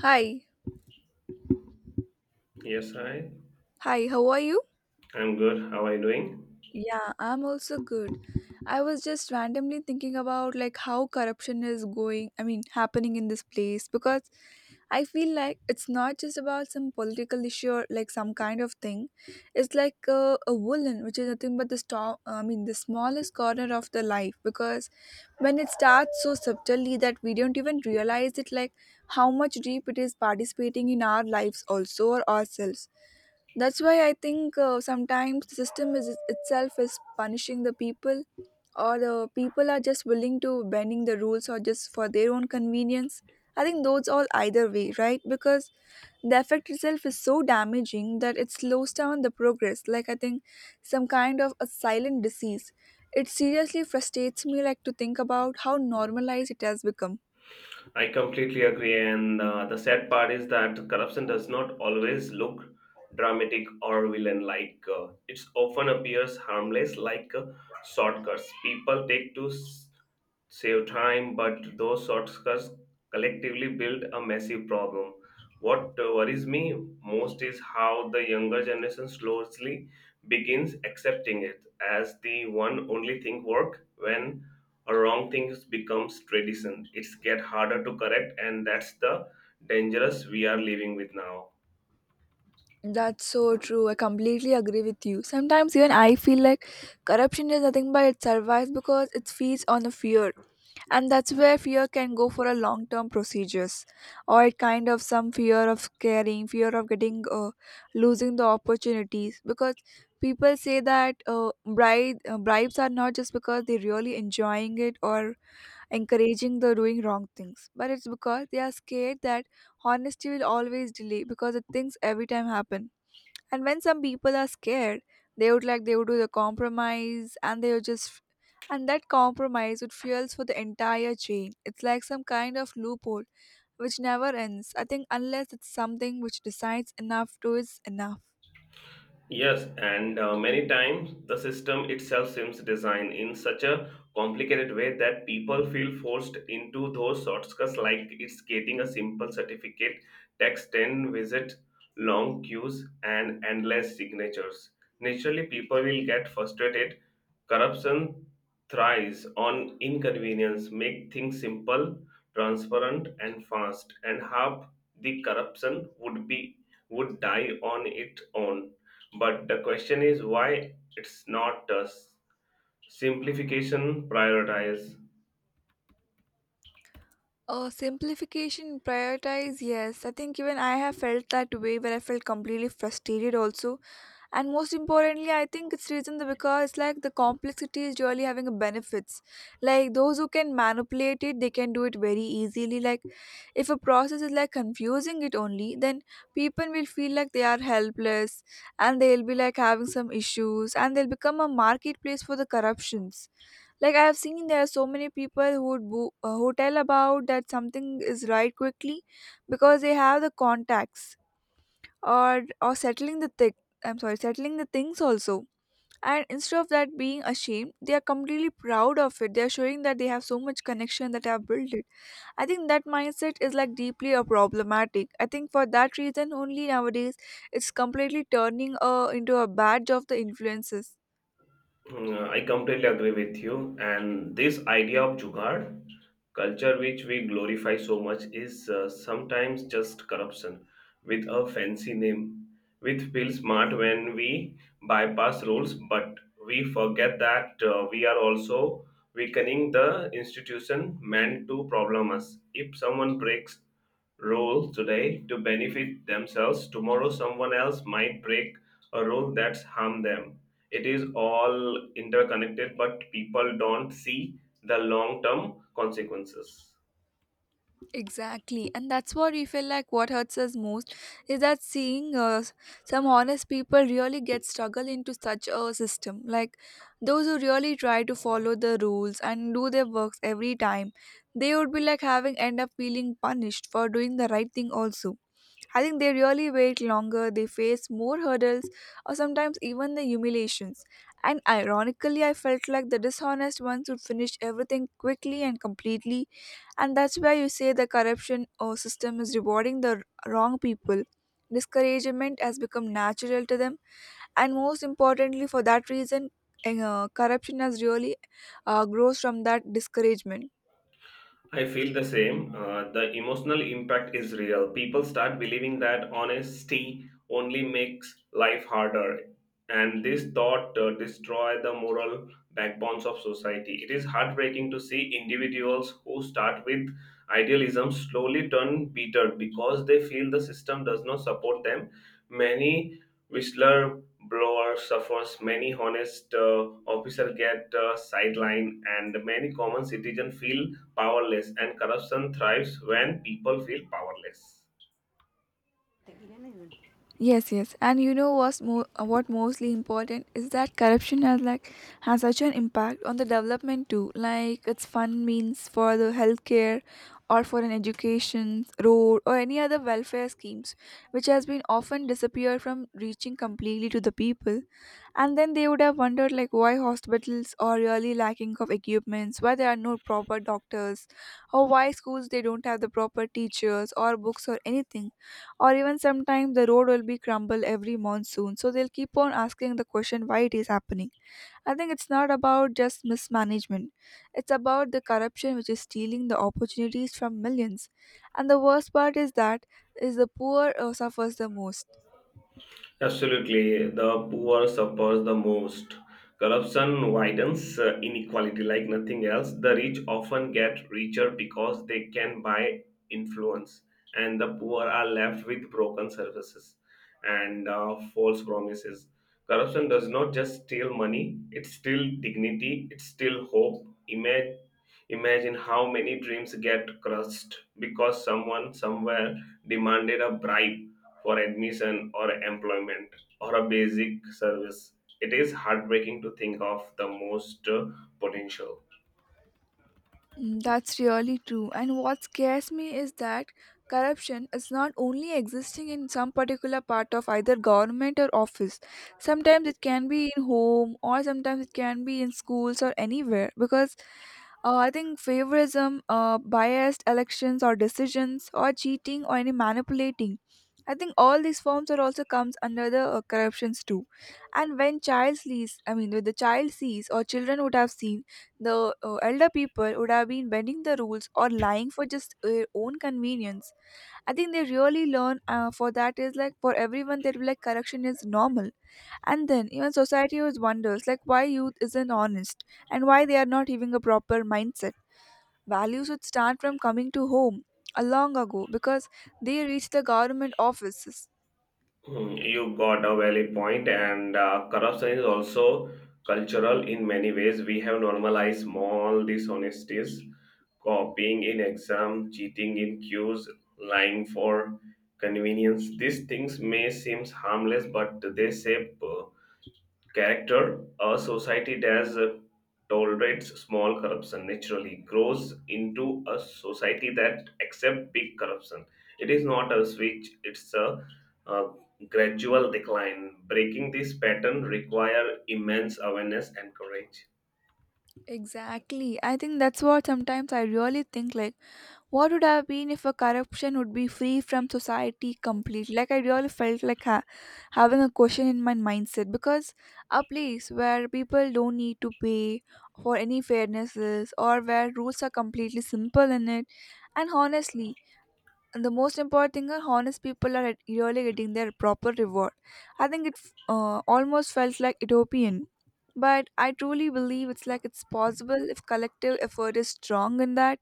Hi. Yes, hi. Hi, how are you? I'm good. How are you doing? Yeah, I'm also good. I was just randomly thinking about how corruption is going, happening in this place, because I feel like it's not just about some political issue or like some kind of thing. It's like a woolen, which is nothing but the storm, the smallest corner of the life, because when it starts so subtly that we don't even realize it, like how much deep it is participating in our lives also or ourselves. That's why I think sometimes the system is itself is punishing the people, or the people are just willing to bending the rules or just for their own convenience. I think those all either way, right? Because the effect itself is so damaging that it slows down the progress. Like I think some kind of a silent disease. It seriously frustrates me like to think about how normalized it has become. I completely agree. And the sad part is that corruption does not always look dramatic or villain like. It often appears harmless, like shortcuts people take to save time, but those shortcuts collectively build a massive problem. What worries me most is how the younger generation slowly begins accepting it as the one only thing work when a wrong thing becomes tradition. It's get harder to correct, and that's the dangerous we are living with now. That's so true. I completely agree with you. Sometimes even I feel like corruption is nothing but it survives because it feeds on the fear. And that's where fear can go for a long term procedures. Or it kind of some fear of scaring, fear of getting losing the opportunities. Because people say that bribes are not just because they're really enjoying it or encouraging the doing wrong things, but it's because they are scared that honesty will always delay because the things every time happen. And when some people are scared, they would do the compromise and they would just and that compromise would fuels for the entire chain. It's like some kind of loophole which never ends. I think unless it's something which decides enough to is enough. Yes, and many times the system itself seems designed in such a complicated way that people feel forced into those shortcuts, like it's getting a simple certificate, text 10 visit, long queues, and endless signatures. Naturally, people will get frustrated. Corruption thrives on inconvenience, make things simple, transparent, and fast, and half the corruption would die on its own, but the question is why it's not a simplification prioritize. Oh, simplification, prioritize, yes. I think even I have felt that way where I felt completely frustrated also, and most importantly I think it's reason the because like the complexity is really having a benefits. Like those who can manipulate it, they can do it very easily. Like if a process is like confusing it only, then people will feel like they are helpless and they'll be like having some issues and they'll become a marketplace for the corruptions. Like I have seen there are so many people who would who tell about that something is right quickly because they have the contacts or settling the thing, I'm sorry, settling the things also, and instead of that being ashamed, they are completely proud of it. They are showing that they have so much connection that they have built it. I think that mindset is like deeply a problematic. I think for that reason only nowadays it's completely turning into a badge of the influences. I completely agree with you. And this idea of jugaad culture, which we glorify so much, is sometimes just corruption with a fancy name. We feel smart when we bypass rules, but we forget that we are also weakening the institution meant to problem us. If someone breaks rule today to benefit themselves, tomorrow someone else might break a rule that's harm them. It is all interconnected, but people don't see the long term consequences. Exactly, and that's what we feel like. What hurts us most is that seeing some honest people really get struggle into such a system. Like those who really try to follow the rules and do their works every time, they would be like having end up feeling punished for doing the right thing also. I think they really wait longer, they face more hurdles, or sometimes even the humiliations. And ironically, I felt like the dishonest ones would finish everything quickly and completely, and that's why you say the corruption or system is rewarding the wrong people. Discouragement has become natural to them, and most importantly for that reason, corruption has really grows from that discouragement. I feel the same. The emotional impact is real. People start believing that honesty only makes life harder, and this thought destroy the moral backbones of society. It is heartbreaking to see individuals who start with idealism slowly turn bitter because they feel the system does not support them. Many whistleblower suffers, many honest officer get sidelined, and many common citizen feel powerless, and corruption thrives when people feel powerless. Yes, yes, and you know what's more, what mostly important is that corruption has like has such an impact on the development too. Like it's fund means for the healthcare, or for an education, road, or any other welfare schemes, which has been often disappeared from reaching completely to the people, and then they would have wondered like why hospitals are really lacking of equipments, why there are no proper doctors, or why schools they don't have the proper teachers or books or anything, or even sometimes the road will be crumbled every monsoon, so they'll keep on asking the question why it is happening. I think it's not about just mismanagement. It's about the corruption which is stealing the opportunities from millions. And the worst part is that is the poor suffers the most. Absolutely, the poor suffers the most. Corruption widens inequality like nothing else. The rich often get richer because they can buy influence, and the poor are left with broken services and false promises. Corruption does not just steal money, it steals dignity, it steals hope. Imagine, how many dreams get crushed because someone somewhere demanded a bribe for admission or employment or a basic service. It is heartbreaking to think of the most potential. Mm, that's really true. And what scares me is that corruption is not only existing in some particular part of either government or office. Sometimes it can be in home or sometimes it can be in schools or anywhere, because I think favoritism, biased elections or decisions, or cheating or any manipulating. I think all these forms are also comes under the corruptions too. And when child sees, I mean, when the child sees or children would have seen, the elder people would have been bending the rules or lying for just their own convenience, I think they really learn for that is like for everyone, they'll be like correction is normal, and then even society always wonders like why youth isn't honest and why they are not having a proper mindset. Values would start from coming to home a long ago because they reach the government offices. Hmm, you got a valid point, and corruption is also cultural in many ways. We have normalized small dishonesties, copying in exam, cheating in queues, lying for convenience. These things may seem harmless, but they shape character. A society that tolerates small corruption naturally grows into a society that accepts big corruption. It is not a switch; it's a gradual decline. Breaking this pattern requires immense awareness and courage. Exactly, I think that's what sometimes I really think like what would have been if a corruption would be free from society completely? Like I really felt like having a question in my mindset, because a place where people don't need to pay for any fairnesses or where rules are completely simple in it. And honestly, the most important thing are honest people are really getting their proper reward. I think it almost felt like utopian. But I truly believe it's like it's possible if collective effort is strong in that,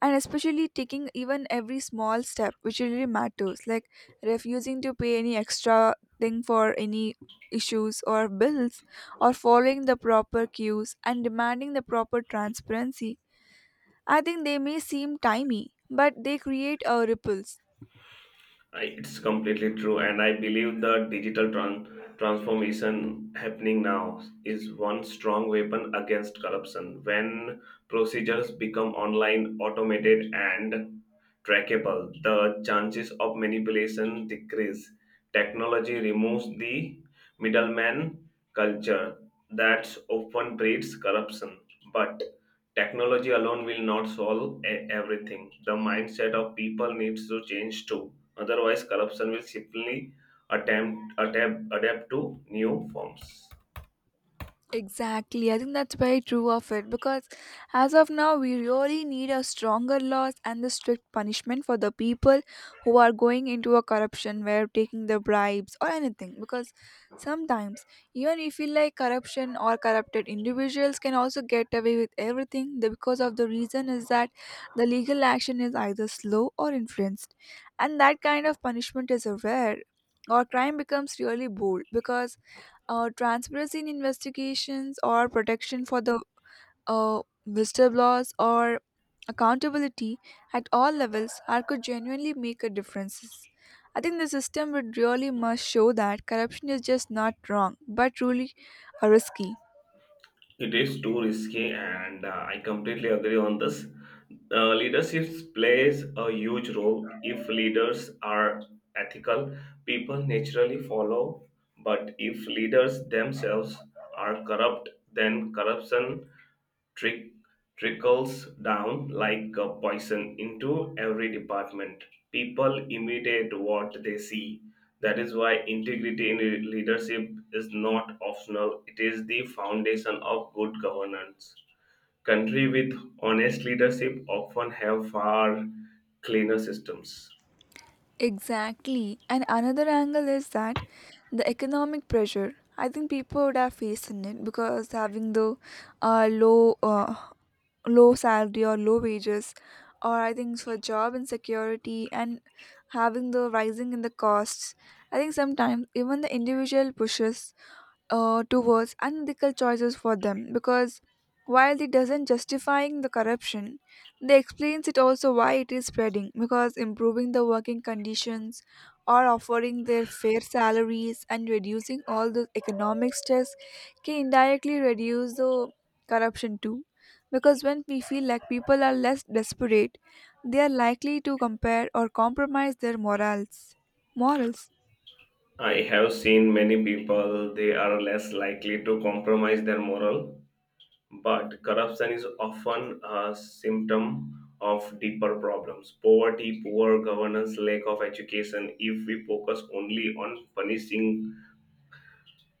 and especially taking even every small step which really matters, like refusing to pay any extra thing for any issues or bills, or following the proper cues and demanding the proper transparency. I think they may seem timey, but they create a ripples. It's completely true, and I believe the digital transformation happening now is one strong weapon against corruption. When procedures become online, automated, and trackable, the chances of manipulation decrease. Technology removes the middleman culture that often breeds corruption, but technology alone will not solve everything. The mindset of people needs to change too. Otherwise, corruption will simply attempt, adapt to new forms. Exactly. I think that's very true of it, because as of now, we really need a stronger laws and the strict punishment for the people who are going into a corruption where taking the bribes or anything. Because sometimes, even if you like corruption or corrupted individuals can also get away with everything because of the reason is that the legal action is either slow or influenced, and that kind of punishment is a rare. Or crime becomes really bold, because transparency in investigations or protection for the uh, whistleblowers or accountability at all levels are could genuinely make a difference. I think the system would really must show that corruption is just not wrong but truly risky. It is too risky, and I completely agree on this. Leadership plays a huge role. If leaders are ethical, people naturally follow. But if leaders themselves are corrupt, then corruption trick trickles down like a poison into every department. People imitate what they see. That is why integrity in leadership is not optional. It is the foundation of good governance. Country with honest leadership often have far cleaner systems. Exactly. And another angle is that the economic pressure. I think people would have faced in it, because having the uh, low uh, low salary or low wages, or I think for job insecurity and having the rising in the costs. I think sometimes even the individual pushes towards unethical choices for them, because while it doesn't justifying the corruption, they explains it also why it is spreading, because improving the working conditions or offering their fair salaries and reducing all the economic stress can indirectly reduce the corruption too, because when we feel like people are less desperate, they are likely to compare or compromise their morals. I have seen many people they are less likely to compromise their moral. But corruption is often a symptom of deeper problems: poverty, poor governance, lack of education. If we focus only on punishing,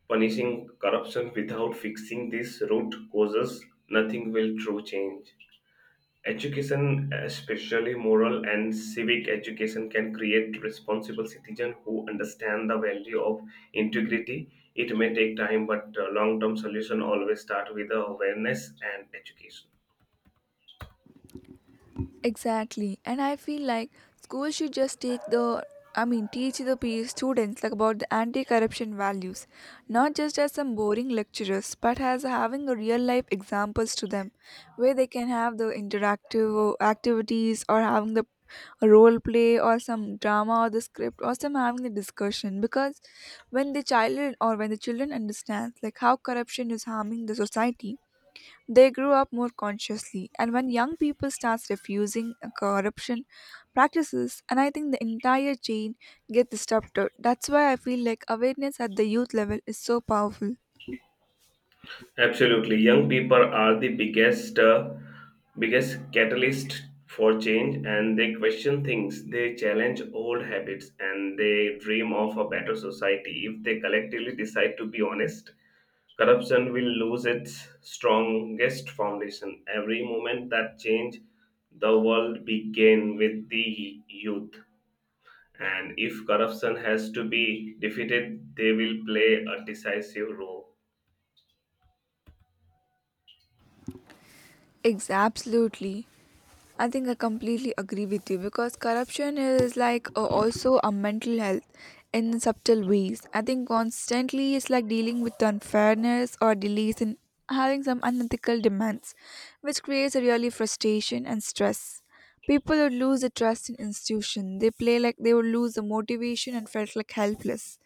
punishing corruption without fixing these root causes, nothing will true change. Education, especially moral and civic education, can create responsible citizens who understand the value of integrity. It may take time, but long term solution always start with awareness and education. Exactly. And I feel like school should just take the, I mean, teach the students like about the anti-corruption values, not just as some boring lecturers, but as having a real life examples to them, where they can have the interactive activities or having the role play or some drama or the script or some having the discussion, because when the child or when the children understands like how corruption is harming the society, they grew up more consciously, and when young people start refusing corruption practices, and I think the entire chain gets disrupted. That's why I feel like awareness at the youth level is so powerful. Absolutely. Young people are the biggest catalyst for change, and they question things, they challenge old habits, and they dream of a better society. If they collectively decide to be honest, corruption will lose its strongest foundation. Every moment that change the world began with the youth. And if corruption has to be defeated, they will play a decisive role. Absolutely. I think I completely agree with you because corruption is like also a mental health in subtle ways. I think constantly it's like dealing with unfairness or delays in having some unethical demands, which creates a really frustration and stress. People would lose the trust in institution. They play like they would lose the motivation and felt like helpless.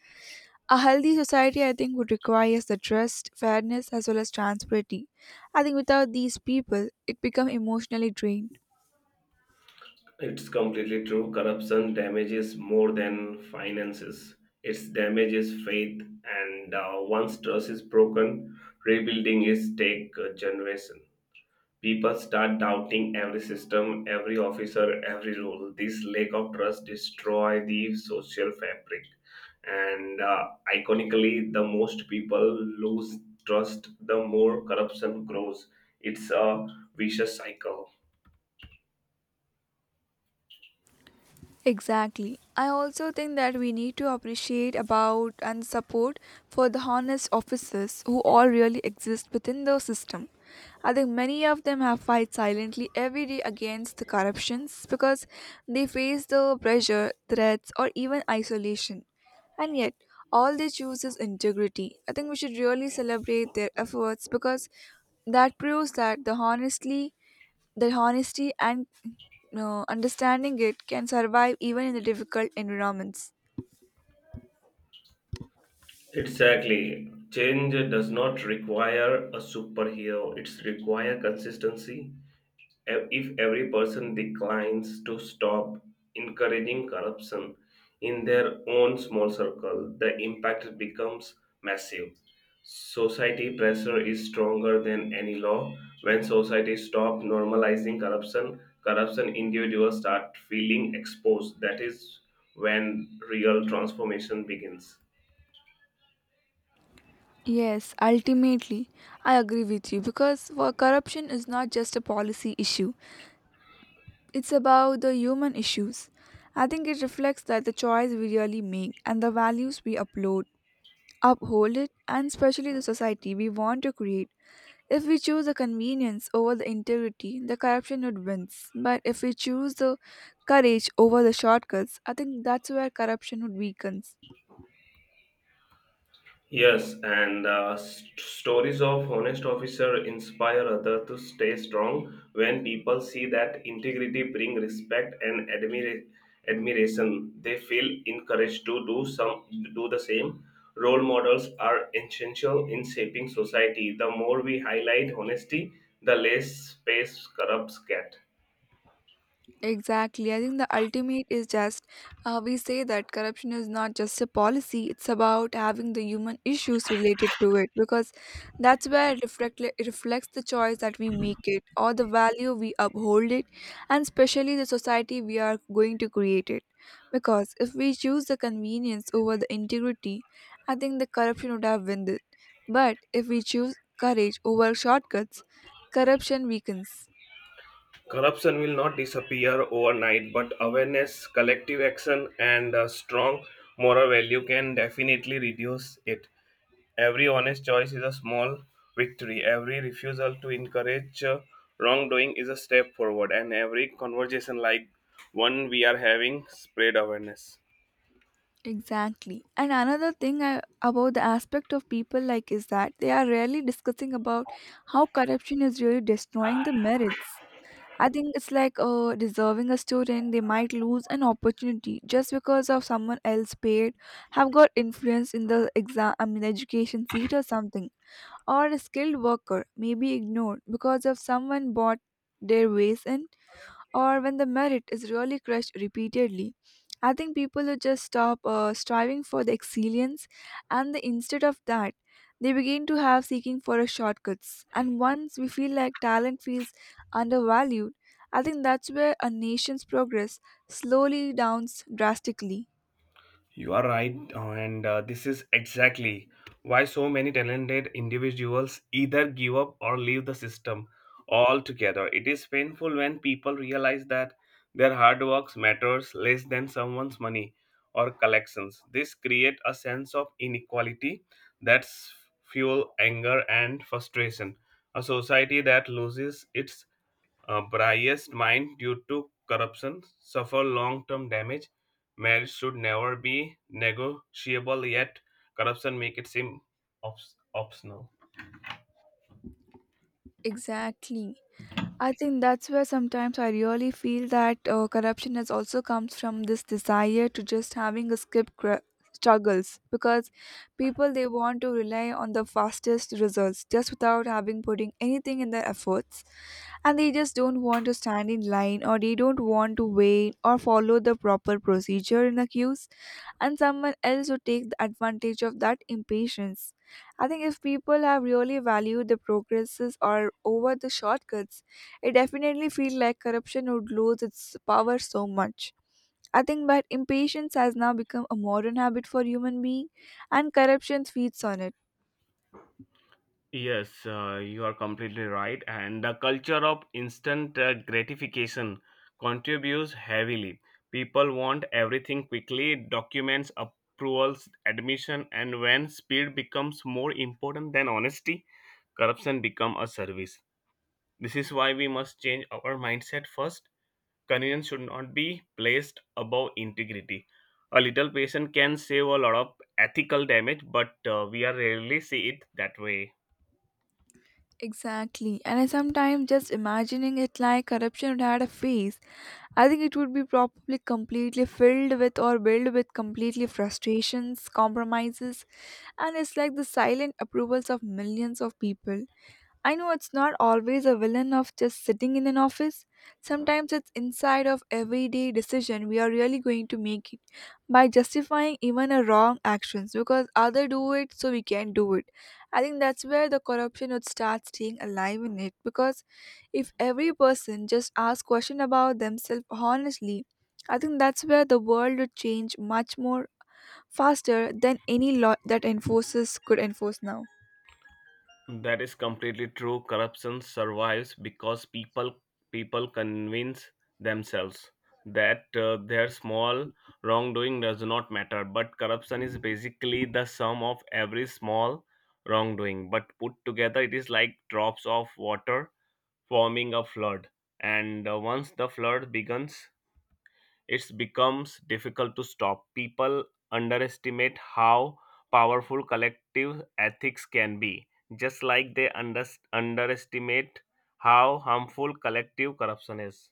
A healthy society, I think, would require the trust, fairness, as well as transparency. I think without these people, it becomes emotionally drained. It's completely true. Corruption damages more than finances. It damages faith, and once trust is broken, rebuilding is take a generation. People start doubting every system, every officer, every rule. This lack of trust destroy the social fabric, and iconically, the most people lose trust, the more corruption grows. It's a vicious cycle. Exactly. I also think that we need to appreciate about and support for the honest officers who all really exist within the system. I think many of them have fight silently every day against the corruptions, because they face the pressure, threats or even isolation. And yet all they choose is integrity. I think we should really celebrate their efforts because that proves that their honesty and understanding it can survive even in the difficult environments. Exactly. Change does not require a superhero, it's require consistency. If every person declines to stop encouraging corruption in their own small circle, the impact becomes massive. Society pressure is stronger than any law. When society stops normalizing corruption, corruption individuals start feeling exposed. That is when real transformation begins. Yes, ultimately, I agree with you, because for corruption is not just a policy issue. It's about the human issues. I think it reflects that the choice we really make and the values we uphold it, and especially the society we want to create. If we choose the convenience over the integrity, the corruption would win. But if we choose the courage over the shortcuts, I think that's where corruption would weaken. Yes, and stories of honest officer inspire other to stay strong when people see that integrity bring respect and admiration. They feel encouraged to do the same. Role models are essential in shaping society. The more we highlight honesty, the less space corrupts get. Exactly. I think the ultimate is just, we say that corruption is not just a policy, it's about having the human issues related to it, because that's where it reflects the choice that we make it, or the value we uphold it, and especially the society we are going to create it. Because if we choose the convenience over the integrity, I think the corruption would have won it. But if we choose courage over shortcuts, corruption weakens. Corruption will not disappear overnight, but awareness, collective action, and a strong moral value can definitely reduce it. Every honest choice is a small victory. Every refusal to encourage wrongdoing is a step forward, and every conversation like one we are having spread awareness. Exactly. And another thing about the aspect of people, like, is that they are rarely discussing about how corruption is really destroying the merits. I think it's like, deserving a student, they might lose an opportunity just because of someone else paid, have got influence in the exam, I mean education seat or something, or a skilled worker may be ignored because of someone bought their ways in, or when the merit is really crushed repeatedly, I think people who just stop striving for the excellence, instead of that, they begin to have seeking for a shortcuts. And once we feel like talent feels undervalued, I think that's where a nation's progress slowly downs drastically. You are right, and this is exactly why so many talented individuals either give up or leave the system altogether. It is painful when people realize that their hard work matters less than someone's money or collections. This creates a sense of inequality that fuel anger and frustration. A society that loses its a biased mind due to corruption suffer long-term damage. Marriage should never be negotiable. Yet corruption make it seem optional. Exactly. I think that's where sometimes I really feel that, corruption has also comes from this desire to just having a struggles, because people, they want to rely on the fastest results just without having putting anything in their efforts, and they just don't want to stand in line, or they don't want to wait or follow the proper procedure in the queues, and someone else would take the advantage of that impatience. I think if people have really valued the progresses or over the shortcuts, it definitely feels like corruption would lose its power so much. I think that impatience has now become a modern habit for human being, and corruption feeds on it. Yes, you are completely right. And the culture of instant gratification contributes heavily. People want everything quickly, documents, approvals, admission, and when speed becomes more important than honesty, corruption become a service. This is why we must change our mindset first. Convenience should not be placed above integrity. A little patience can save a lot of ethical damage, but we are rarely see it that way. Exactly. And I sometimes just imagining it, like, corruption would had a face. I think it would be probably completely filled with or built with completely frustrations, compromises, and it's like the silent approvals of millions of people. I know it's not always a villain of just sitting in an office. Sometimes it's inside of everyday decision we are really going to make it, by justifying even a wrong actions because other do it so we can do it. I think that's where the corruption would start staying alive in it, because if every person just asks question about themselves honestly, I think that's where the world would change much more faster than any law that enforces could enforce now. That is completely true. Corruption survives because people convince themselves that their small wrongdoing does not matter. But corruption is basically the sum of every small wrongdoing. But put together, it is like drops of water forming a flood. And once the flood begins, it becomes difficult to stop. People underestimate how powerful collective ethics can be, just like they underestimate how harmful collective corruption is.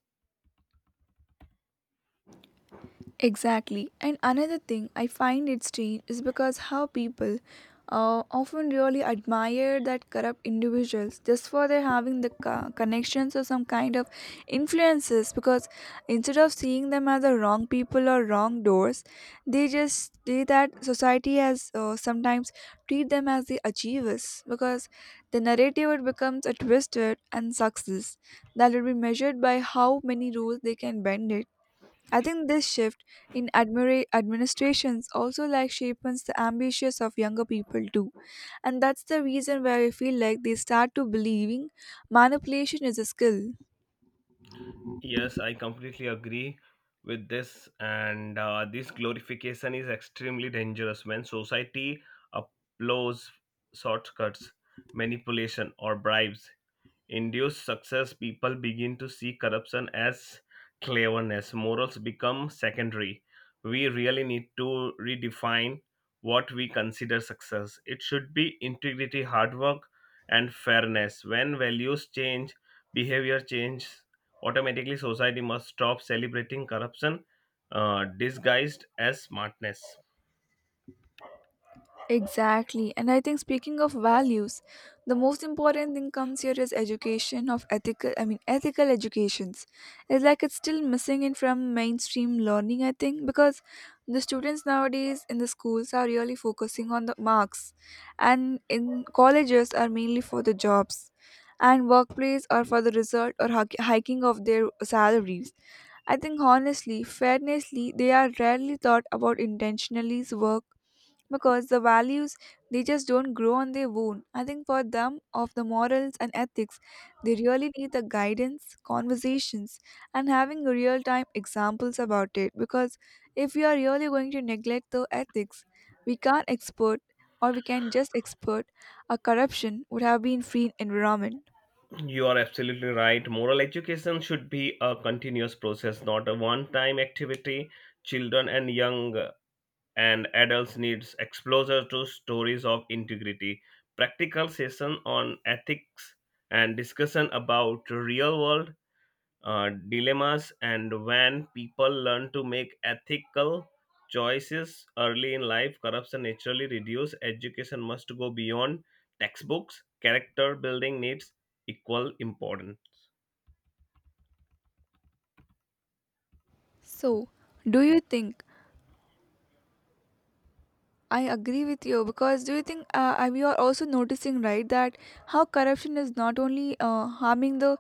Exactly. And another thing I find it strange is because how people often really admire that corrupt individuals just for their having the connections or some kind of influences, because instead of seeing them as the wrong people or wrong doors, they just say that society has, sometimes treat them as the achievers, because the narrative, it becomes a twisted, and success that will be measured by how many rules they can bend it. I think this shift in administrations also, like, shapes the ambitions of younger people too. And that's the reason why I feel like they start to believing manipulation is a skill. Yes, I completely agree with this, and this glorification is extremely dangerous. When society applauds shortcuts, manipulation, or bribes induce success, people begin to see corruption as cleverness. Morals become secondary. We really need to redefine what we consider success. It should be integrity, hard work, and fairness. When values change, behavior changes automatically. Society must stop celebrating corruption disguised as smartness. Exactly. And I think speaking of values, the most important thing comes here is education of ethical, I mean ethical educations. It's like, it's still missing it from mainstream learning, I think, because the students nowadays in the schools are really focusing on the marks, and in colleges are mainly for the jobs, and workplace are for the result or hiking of their salaries. I think honestly, fairnessly, they are rarely thought about intentionally's work, because the values, they just don't grow on their own. I think for them, of the morals and ethics, they really need the guidance, conversations, and having real time examples about it, because if we are really going to neglect the ethics, we can't export, or we can just export a corruption would have been free environment. You are absolutely right. Moral education should be a continuous process, not a one time activity. Children and young and adults needs exposure to stories of integrity, practical session on ethics, and discussion about real world dilemmas. And when people learn to make ethical choices early in life, corruption naturally reduces. Education must go beyond textbooks; character building needs equal importance. So, do you think, I agree with you, because do you think, we are also noticing, right, that how corruption is not only harming the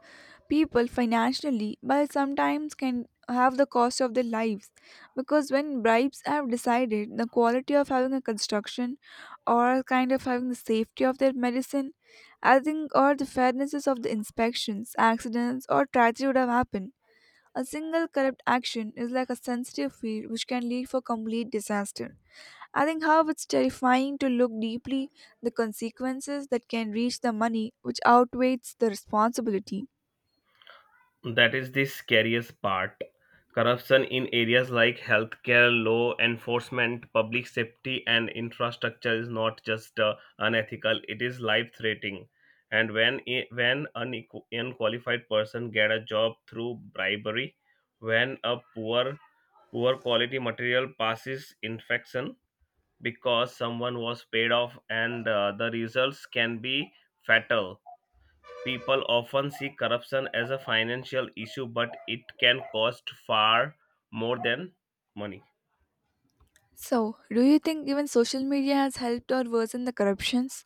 people financially, but sometimes can have the cost of their lives, because when bribes have decided the quality of having a construction, or kind of having the safety of their medicine, I think, or the fairnesses of the inspections, accidents or tragedy would have happened. A single corrupt action is like a sensitive field which can lead for complete disaster. I think how it's terrifying to look deeply the consequences that can reach the money which outweighs the responsibility. That is the scariest part. Corruption in areas like healthcare, law enforcement, public safety, and infrastructure is not just unethical; it is life-threatening. And when unqualified person get a job through bribery, when a poor quality material passes infection because someone was paid off, and the results can be fatal. People often see corruption as a financial issue, but it can cost far more than money. So, do you think even social media has helped or worsened the corruptions?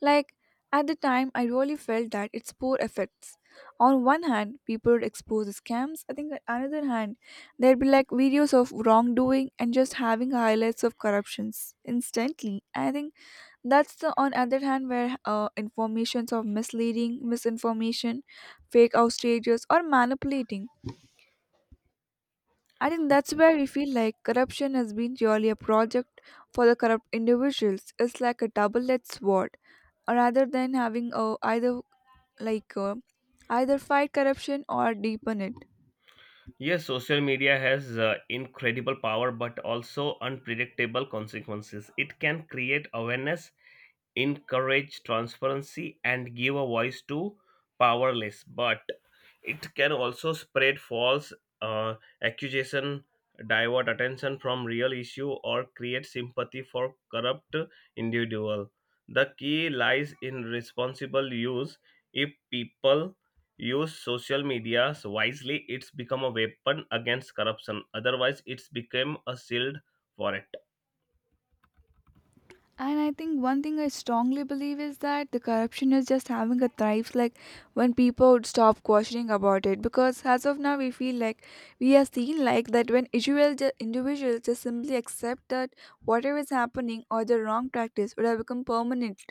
Like, at the time, I really felt that its poor effects. On one hand, people would expose the scams. I think on another hand, there'd be like videos of wrongdoing and just having highlights of corruptions instantly. I think that's the on other hand where, informations of misleading, misinformation, fake outrages, or manipulating. I think that's where we feel like corruption has been purely a project for the corrupt individuals. It's like a double-edged sword. Rather than having a either, like, either fight corruption or deepen it. Yes, social media has incredible power but also unpredictable consequences. It can create awareness, encourage transparency, and give a voice to powerless. But it can also spread false uh, accusation, divert attention from real issue, or create sympathy for corrupt individual. The key lies in responsible use. If people use social media wisely, it's become a weapon against corruption. Otherwise, it's become a shield for it. And I think one thing I strongly believe is that the corruption is just having a thrive, like, when people would stop questioning about it. Because as of now, we feel like we are seen like that, when individuals just simply accept that whatever is happening or the wrong practice would have become permanent,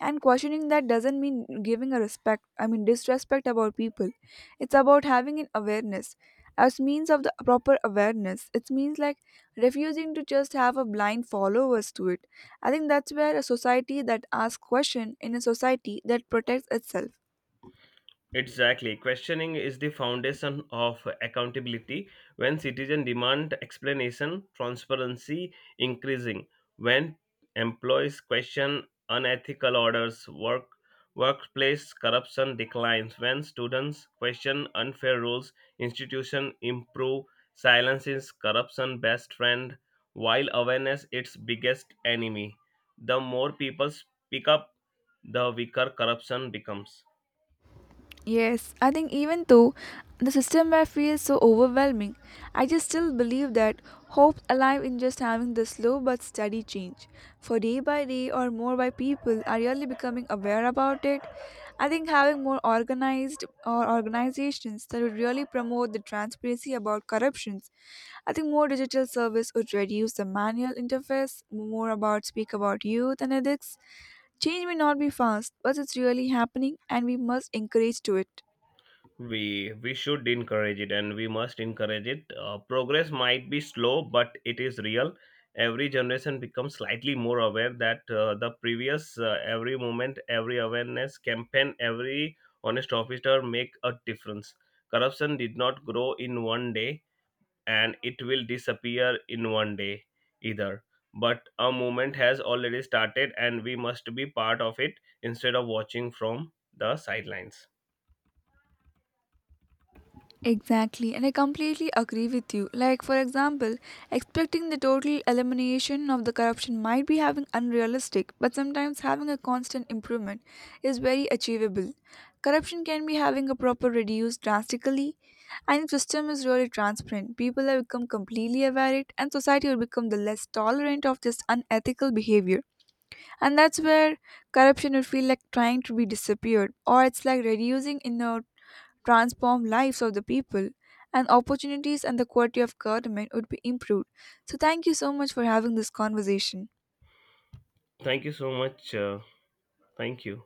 and questioning that doesn't mean giving a respect, I mean disrespect about people. It's about having an awareness. As means of the proper awareness, it means, like, refusing to just have a blind followers to it. I think that's where a society that asks question, in a society that protects itself. Exactly. Questioning is the foundation of accountability. When citizens demand explanation, transparency increasing. When employees question unethical orders, workplace corruption declines. When students question unfair rules, institution improve. Silence is corruption best friend, while awareness its biggest enemy. The more people speak up, the weaker corruption becomes. Yes, I think even though the system may feel so overwhelming, I just still believe that hope's alive in just having the slow but steady change. For day by day or more by, people are really becoming aware about it. I think having more organized or organizations that would really promote the transparency about corruptions. I think more digital service would reduce the manual interface, more about speak about youth and ethics. Change may not be fast, but it's really happening, and we must encourage to it. We should encourage it, and we must encourage it. Progress might be slow, but it is real. Every generation becomes slightly more aware that the previous every moment, every awareness campaign, every honest officer make a difference. Corruption did not grow in one day, and it will disappear in one day either. But a movement has already started, and we must be part of it instead of watching from the sidelines. Exactly, and I completely agree with you. Like, for example, expecting the total elimination of the corruption might be having unrealistic, but sometimes having a constant improvement is very achievable. Corruption can be having a proper reduced drastically, and if system is really transparent, people have become completely aware it, and society will become the less tolerant of this unethical behavior. And that's where corruption would feel like trying to be disappeared, or it's like reducing in the transform lives of the people, and opportunities and the quality of government would be improved. So, thank you so much for having this conversation. thank you so much uh, Thank you.